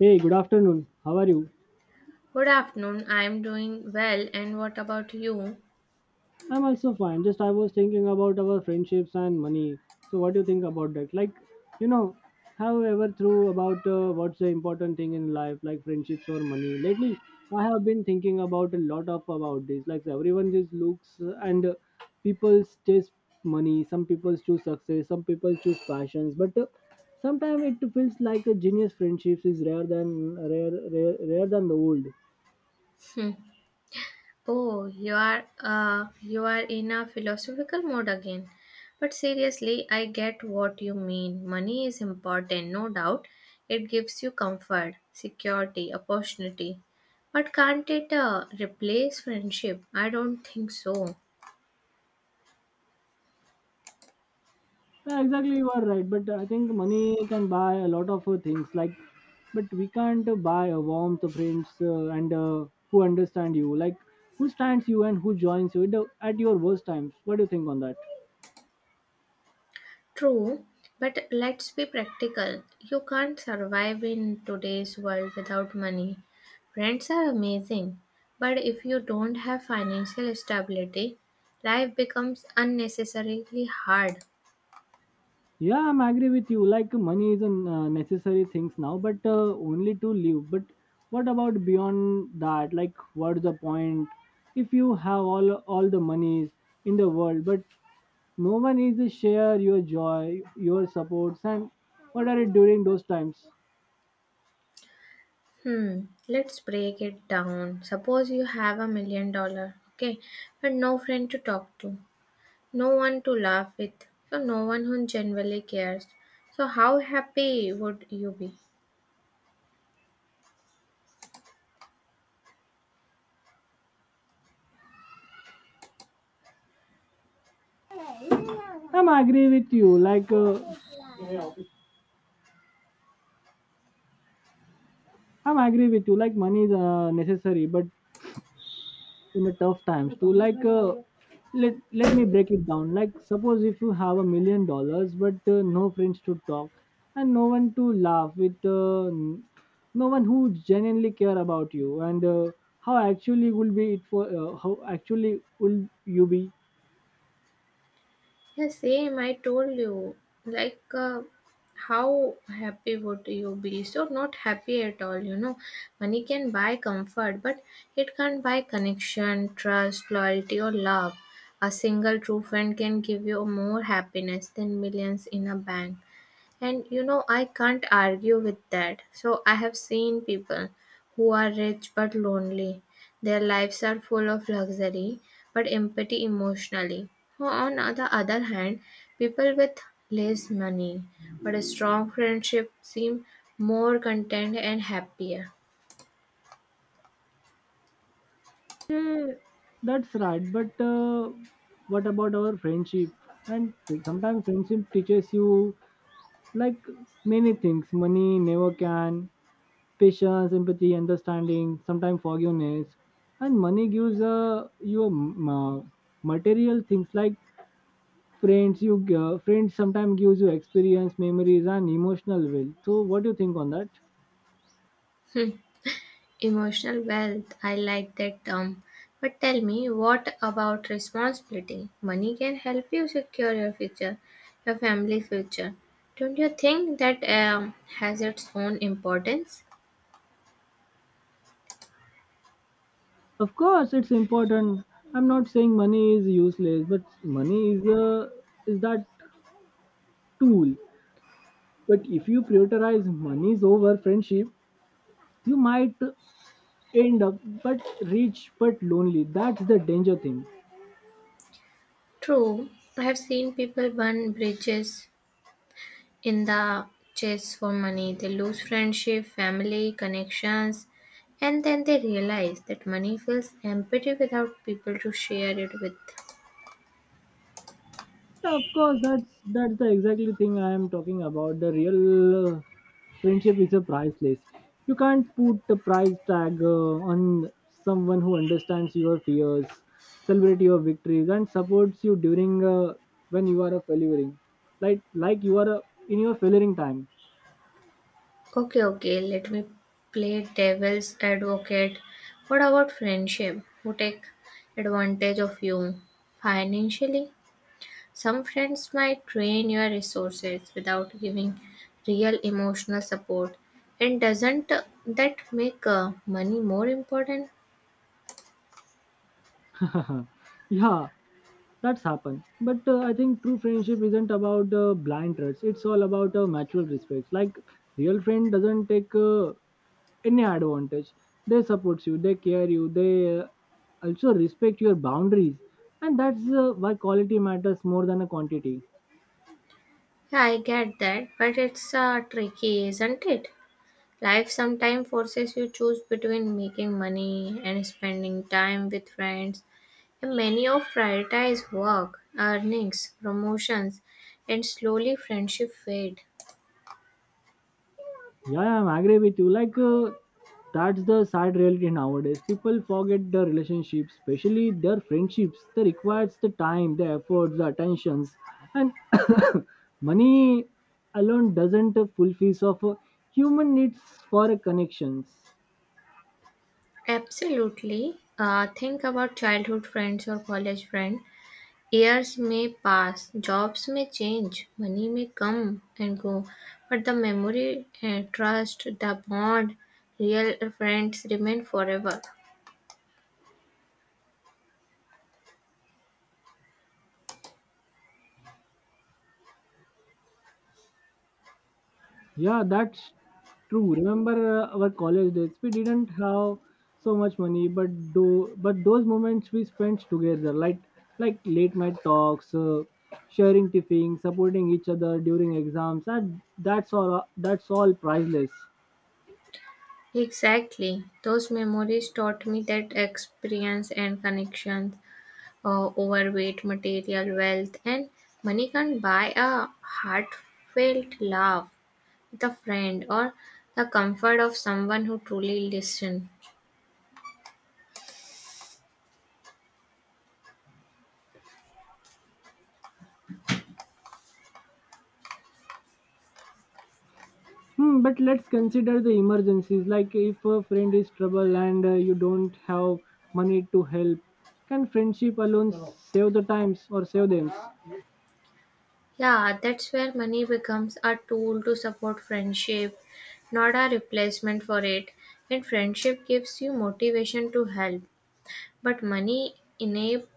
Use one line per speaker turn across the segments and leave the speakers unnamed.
Hey, good afternoon. How are you?
Good afternoon. I'm doing well, and what about you?
I'm also fine. Just I was thinking about our friendships and money. So what do you think about that? Like, you know, have you ever through about what's the important thing in life, like friendships or money? Lately, I have been thinking about a lot of about this. Like everyone just looks and people chase money. Some people choose success. Some people choose passions. But sometimes it feels like a genius friendships is rare than rare than the old.
Oh, you are in a philosophical mode again. But seriously, I get what you mean. Money is important, no doubt. It gives you comfort, security, opportunity. But can't it replace friendship? I don't think so.
Yeah, exactly, you are right. But I think money can buy a lot of things. Like, but we can't buy a warmth, of friends, and who understand you. Like, who stands you and who joins you at at your worst times. What do you think on that?
True, but let's be practical. You can't survive in today's world without money. Rents are amazing, but if you don't have financial stability, life becomes unnecessarily hard.
Yeah, I'm agree with you. Like money is a necessary things now, but only to live. But what about beyond that? Like, what's the point if you have all the monies in the world, but no one is to share your joy, your supports, and what are it during those times?
Hmm, let's break it down. Suppose you have a million dollar, okay, but no friend to talk to, no one to laugh with, so no one who genuinely cares. So how happy would you be?
I'm agree with you. Like, uh, I'm agree with you. Like, money is necessary, but in a tough times to like let me break it down like suppose if you have $1 million but no friends to talk and no one to laugh with no one who genuinely care about you and how actually will you be.
Yeah, same. I told you, like, uh, how happy would you be? So, not happy at all, you know. Money can buy comfort, but it can't buy connection, trust, loyalty, or love. A single true friend can give you more happiness than millions in a bank. And you know, I can't argue with that. So I have seen people who are rich but lonely. Their lives are full of luxury but empty emotionally. So, on the other hand, people with less money but a strong friendship seem more content and happier.
Yeah, that's right but what about our friendship and sometimes friendship teaches you like many things money never can. Patience, empathy, understanding, sometimes forgiveness, and money gives you material things like friends. You friends sometimes gives you experience, memories, and emotional wealth. So, what do you think on that?
Emotional wealth, I like that term. But tell me, what about responsibility? Money can help you secure your future, your family's future. Don't you think that has its own importance?
Of course, it's important. I'm not saying money is useless, but money is a is that tool. But if you prioritize monies over friendship, you might end up but rich but lonely. That's the danger thing.
True, I have seen people burn bridges in the chase for money. They lose friendship, family, connections, and then they realize that money feels empty without people to share it with.
Yeah, of course, that's the exactly thing I am talking about. The real friendship is a priceless. You can't put a price tag on someone who understands your fears, celebrate your victories, and supports you during when you are a failuring, like you are in your failuring time.
Okay, okay, let me play devil's advocate. What about friendship? Who take advantage of you financially? Some friends might drain your resources without giving real emotional support. And doesn't that make money more important?
Yeah, that's happened. But I think true friendship isn't about blind trust. It's all about mutual respect. Like real friend doesn't take any advantage. They support you. They care you. They also respect your boundaries. And that's why quality matters more than a quantity.
Yeah, I get that, but it's tricky, isn't it? Life sometimes forces you choose between making money and spending time with friends. In many of prioritise work, earnings, promotions, and slowly friendship fade.
Yeah, yeah, I'm agree with you. Like that's the sad reality nowadays. People forget the relationships, especially their friendships. They requires the time, the efforts, the attentions, and money alone doesn't fulfill of human needs for a connections.
Absolutely. Think about childhood friends or college friend. Years may pass, jobs may change, money may come and go, but the memory, trust, the bond, real friends remain forever.
Yeah, that's true. Remember our college days? We didn't have so much money, but those moments we spent together, like late night talks, sharing tiffin, supporting each other during exams, and that's all. That's all priceless.
Exactly. Those memories taught me that experience and connections overweight, material wealth, and money can't buy a heartfelt laugh with a friend or the comfort of someone who truly listens.
Hmm, but let's consider the emergencies. Like if a friend is trouble and you don't have money to help, can friendship alone save the times or save them?
Yeah, that's where money becomes a tool to support friendship, not a replacement for it. And friendship gives you motivation to help, but money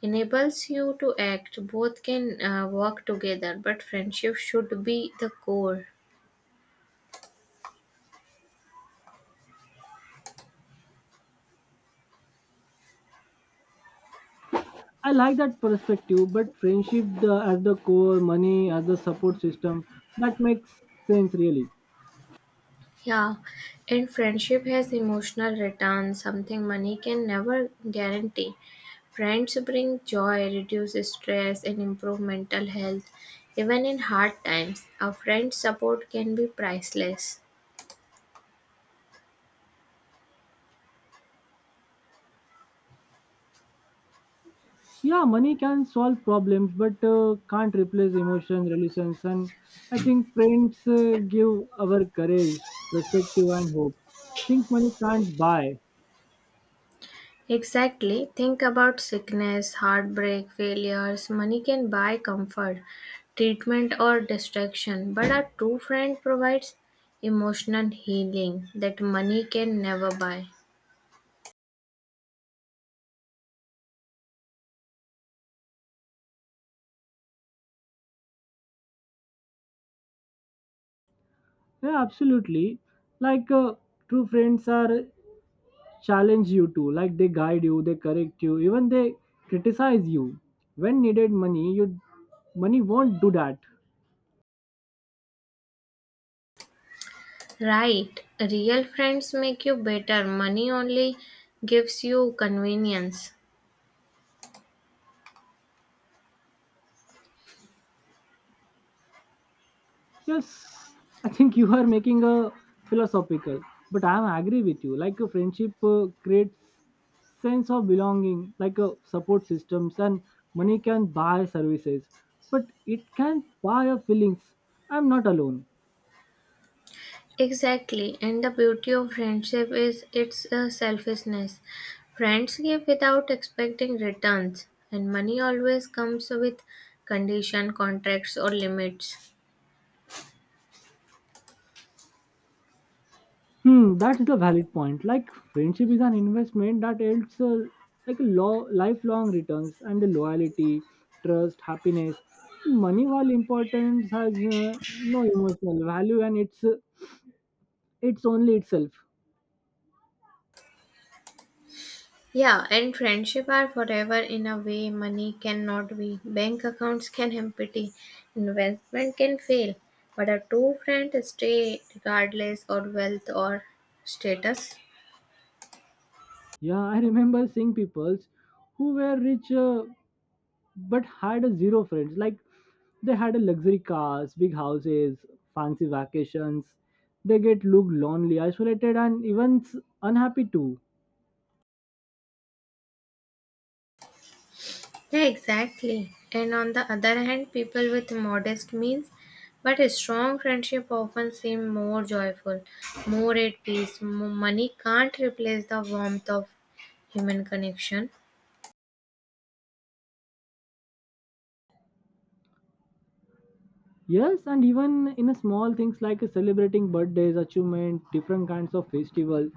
enables you to act. Both can work together, but friendship should be the core.
I like that perspective, but friendship as the core, money as the support system, that makes sense really.
Yeah, and friendship has emotional return, something money can never guarantee. Friends bring joy, reduce stress, and improve mental health. Even in hard times, a friend's support can be priceless.
Yeah, money can solve problems, but can't replace emotions, relations, and I think friends give our courage, perspective, and hope. Things money can't buy.
Exactly. Think about sickness, heartbreak, failures. Money can buy comfort, treatment, or distraction, but a true friend provides emotional healing that money can never buy.
Yeah, absolutely. Like true friends are challenge you to, like they guide you, they correct you, even they criticize you. When needed, money won't do that.
Right, real friends make you better. Money only gives you convenience.
Yes, I think you are making a philosophical, but I am agree with you. Like a friendship creates sense of belonging, like a support systems, and money can buy services, but it can buy a feelings. I'm not alone.
Exactly, and the beauty of friendship is its selflessness. Friends give without expecting returns, and money always comes with condition, contracts, or limits.
Hmm, that is a valid point. Like friendship is an investment that helps, like a lifelong returns and the loyalty, trust, happiness. Money, while important, has no emotional value, and it's only itself.
Yeah, and friendship are forever in a way money cannot be. Bank accounts can empty, investment can fail, but a true friend stay regardless of wealth or status.
Yeah, I remember seeing peoples who were rich but had a zero friends. Like they had a luxury cars, big houses, fancy vacations. They get look lonely, isolated, and even unhappy too.
Yeah, exactly. And on the other hand, people with modest means but a strong friendship often seem more joyful, more at peace. Money can't replace the warmth of human connection.
Yes, and even in a small things like celebrating birthdays, achievement, different kinds of festival,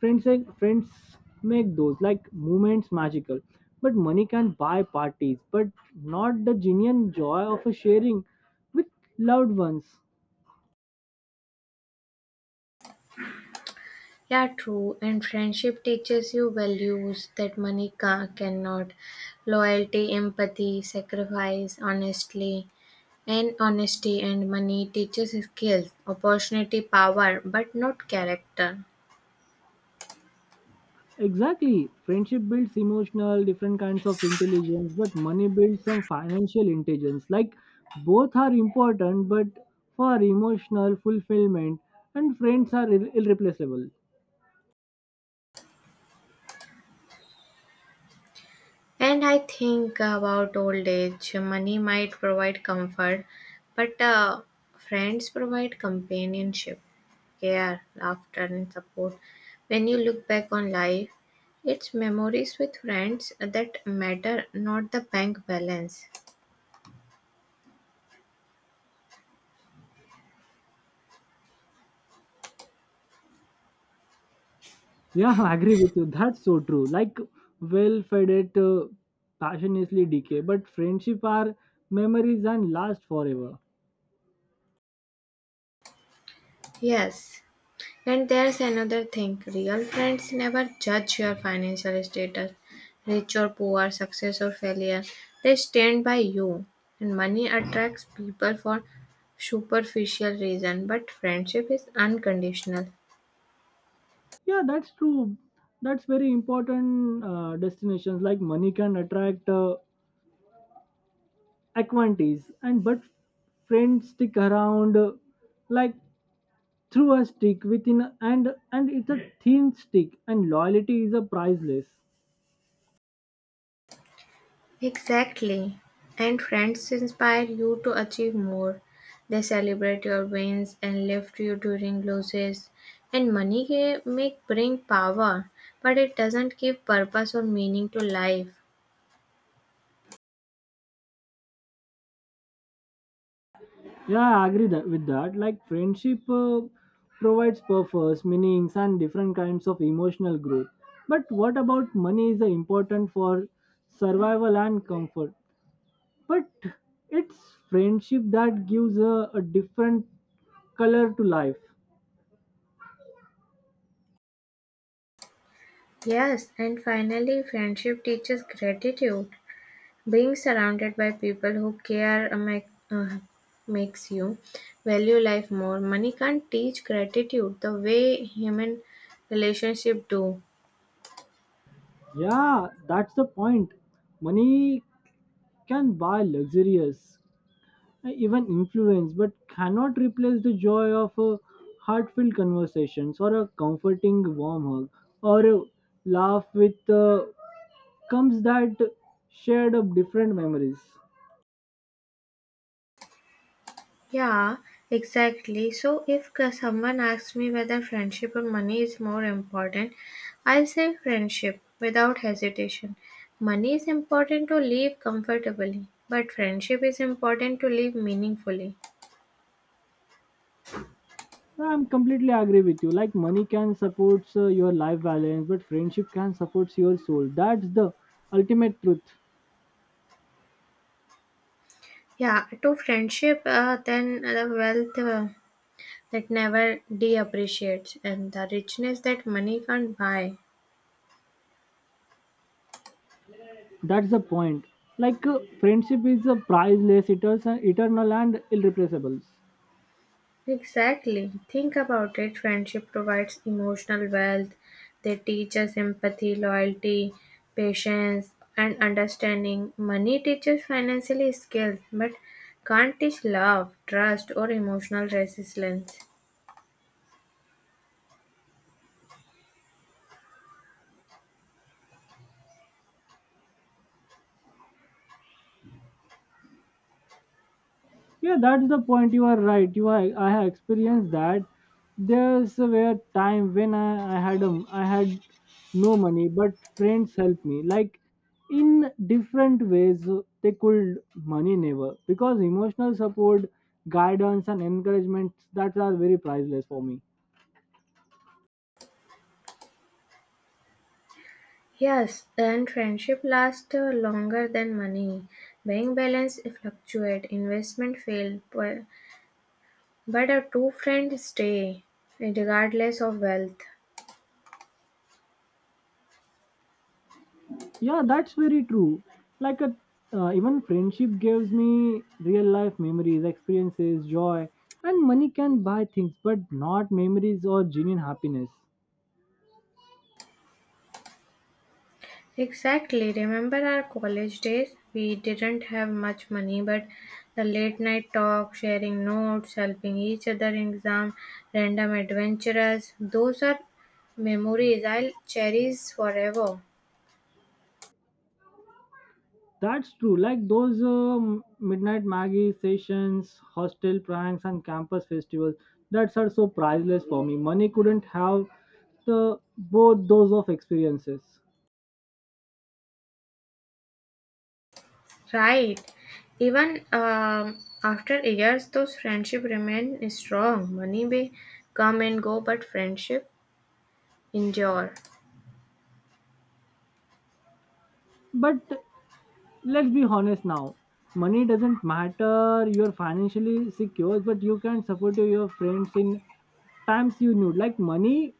friends friends make those like moments magical. But money can buy parties, but not the genuine joy of a sharing with loved ones.
Yeah, true. And friendship teaches you values that money cannot. Loyalty, empathy, sacrifice, honestly, and honesty and money teaches skills, opportunity, power, but not character.
Exactly, friendship builds emotional, different kinds of intelligence, but money builds some financial intelligence. Like both are important, but for emotional fulfillment, and friends are irreplaceable.
And I think about old age. Money might provide comfort, but friends provide companionship, care, laughter, and support. When you look back on life, it's memories with friends that matter, not the bank balance.
Yeah, I agree with you. That's so true. Like well-fed it passionately decay, but friendship are memories and last forever.
Yes. And there's another thing real friends never judge your financial status, rich or poor, success or failure. They stand by you. And money attracts people for superficial reason, but friendship is unconditional.
Yeah, that's true. That's very important destinations like money can attract acquaintees and but friends stick around like through a stick within and it's a thin stick and loyalty is a priceless.
Exactly. And friends inspire you to achieve more. They celebrate your wins and lift you during losses. And money may bring power, but it doesn't give purpose or meaning to life.
Yeah, I agree that with that. Like friendship provides purpose, meanings, and different kinds of emotional growth. But what about money is important for survival and comfort? But it's friendship that gives a different color to life.
Yes, and finally, friendship teaches gratitude. Being surrounded by people who care makes you value life more. Money can't teach gratitude the way human relationship do.
Yeah, that's the point. Money can buy luxurious, even influence, but cannot replace the joy of a heartfelt conversations or a comforting warm hug or a laugh with comes that shared of different memories.
Yeah, exactly. So if someone asks me whether friendship or money is more important, I'll say friendship without hesitation. Money is important to live comfortably, but friendship is important to live meaningfully.
I'm completely agree with you. Like money can support your life balance, but friendship can support your soul. That's the ultimate truth.
Yeah, to friendship, then the wealth that never depreciates and the richness that money can't buy.
That's the point. Like friendship is priceless, eternal, and irreplaceable.
Exactly. Think about it. Friendship provides emotional wealth. They teach us empathy, loyalty, patience, and understanding. Money teaches financial skills, but can't teach love, trust, or emotional resilience.
Yeah, that's the point. You are right. I have experienced that. There's a where time when I had no money, but friends helped me. Like in different ways, they could money never because emotional support, guidance, and encouragement that are very priceless for me.
Yes, and friendship lasts longer than money. Bank balance fluctuate, investment fail, but a true friend stay, regardless of wealth.
Yeah, that's very true, like a even friendship gives me real life memories, experiences, joy, and money can buy things but not memories or genuine happiness.
Exactly. Remember our college days? We didn't have much money, but the late night talk, sharing notes, helping each other in exam, random adventures, those are memories I'll cherish forever.
That's true, like those midnight maggie sessions, hostel pranks, and campus festivals. That's are so priceless for me. Money couldn't have the both those of experiences.
Right. Even after years, those friendship remain strong. Money may come and go, but friendship endure.
But let's be honest now, money doesn't matter you're financially secure but you can support your friends in times you need. Like money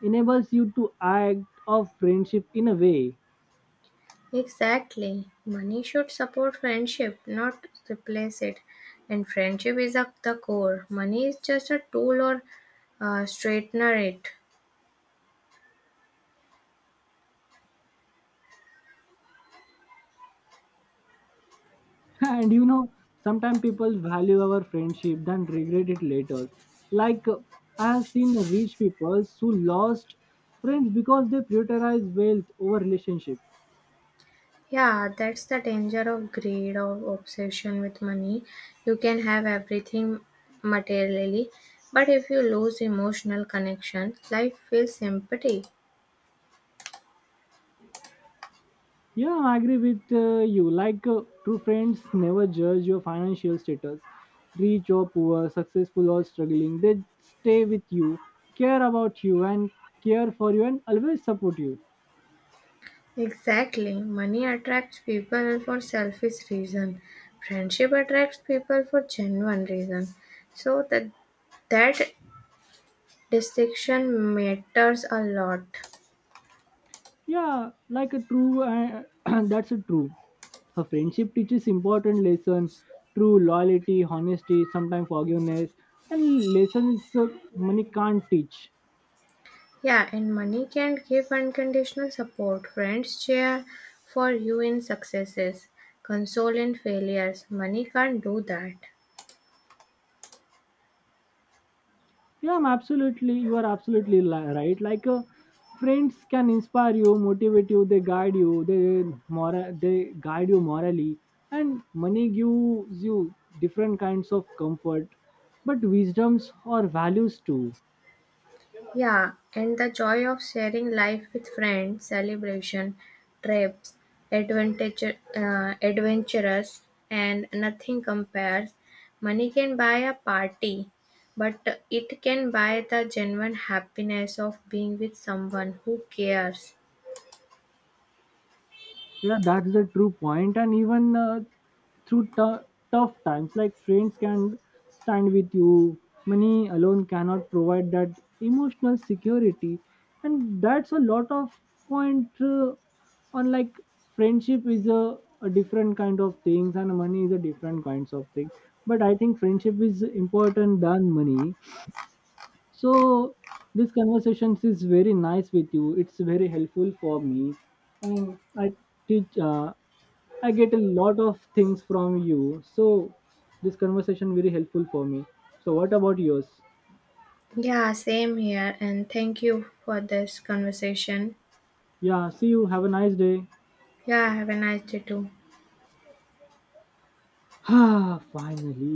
enables you to act of friendship in a way.
Exactly. Money should support friendship, not replace it. And friendship is at the core. Money is just a tool or straightener it.
And sometimes people value our friendship then regret it later, like I have seen rich people who lost friends because they prioritize wealth over relationship.
Yeah, that's the danger of greed or obsession with money. You can have everything materially, but if you lose emotional connection, life feels empty.
Yeah, I agree with you. Like true friends never judge your financial status, rich or poor, successful or struggling. They stay with you, care about you, and care for you, and always support you.
Exactly. Money attracts people for selfish reason. Friendship attracts people for genuine reason. So that distinction matters a lot.
Yeah, like a true, that's a true. A friendship teaches important lesson, true loyalty, honesty, sometimes forgiveness, and lessons money can't teach.
Yeah, and money can give unconditional support. Friends cheer for you in successes, console in failures. Money can't do that.
Yeah, I'm absolutely. You are absolutely right. Like friends can inspire you, motivate you. They guide you. They guide you morally. And money gives you different kinds of comfort, but wisdoms or values too.
Yeah, and the joy of sharing life with friends, celebration, trips, adventurous, and nothing compares. Money can buy a party, but it can buy the genuine happiness of being with someone who cares.
Yeah, that's the true point. And even through tough times, like friends can stand with you. Money alone cannot provide that emotional security, and that's a lot of point on, like friendship is a different kind of things, and money is a different kinds of thing. But I think friendship is important than money. So this conversation is very nice with you. It's very helpful for me, and I teach. I get a lot of things from you. So this conversation very helpful for me. So what about yours?
Yeah, same here. And thank you for this conversation.
Yeah, see you. Have a nice day.
Yeah, have a nice day too.
Ah, finally.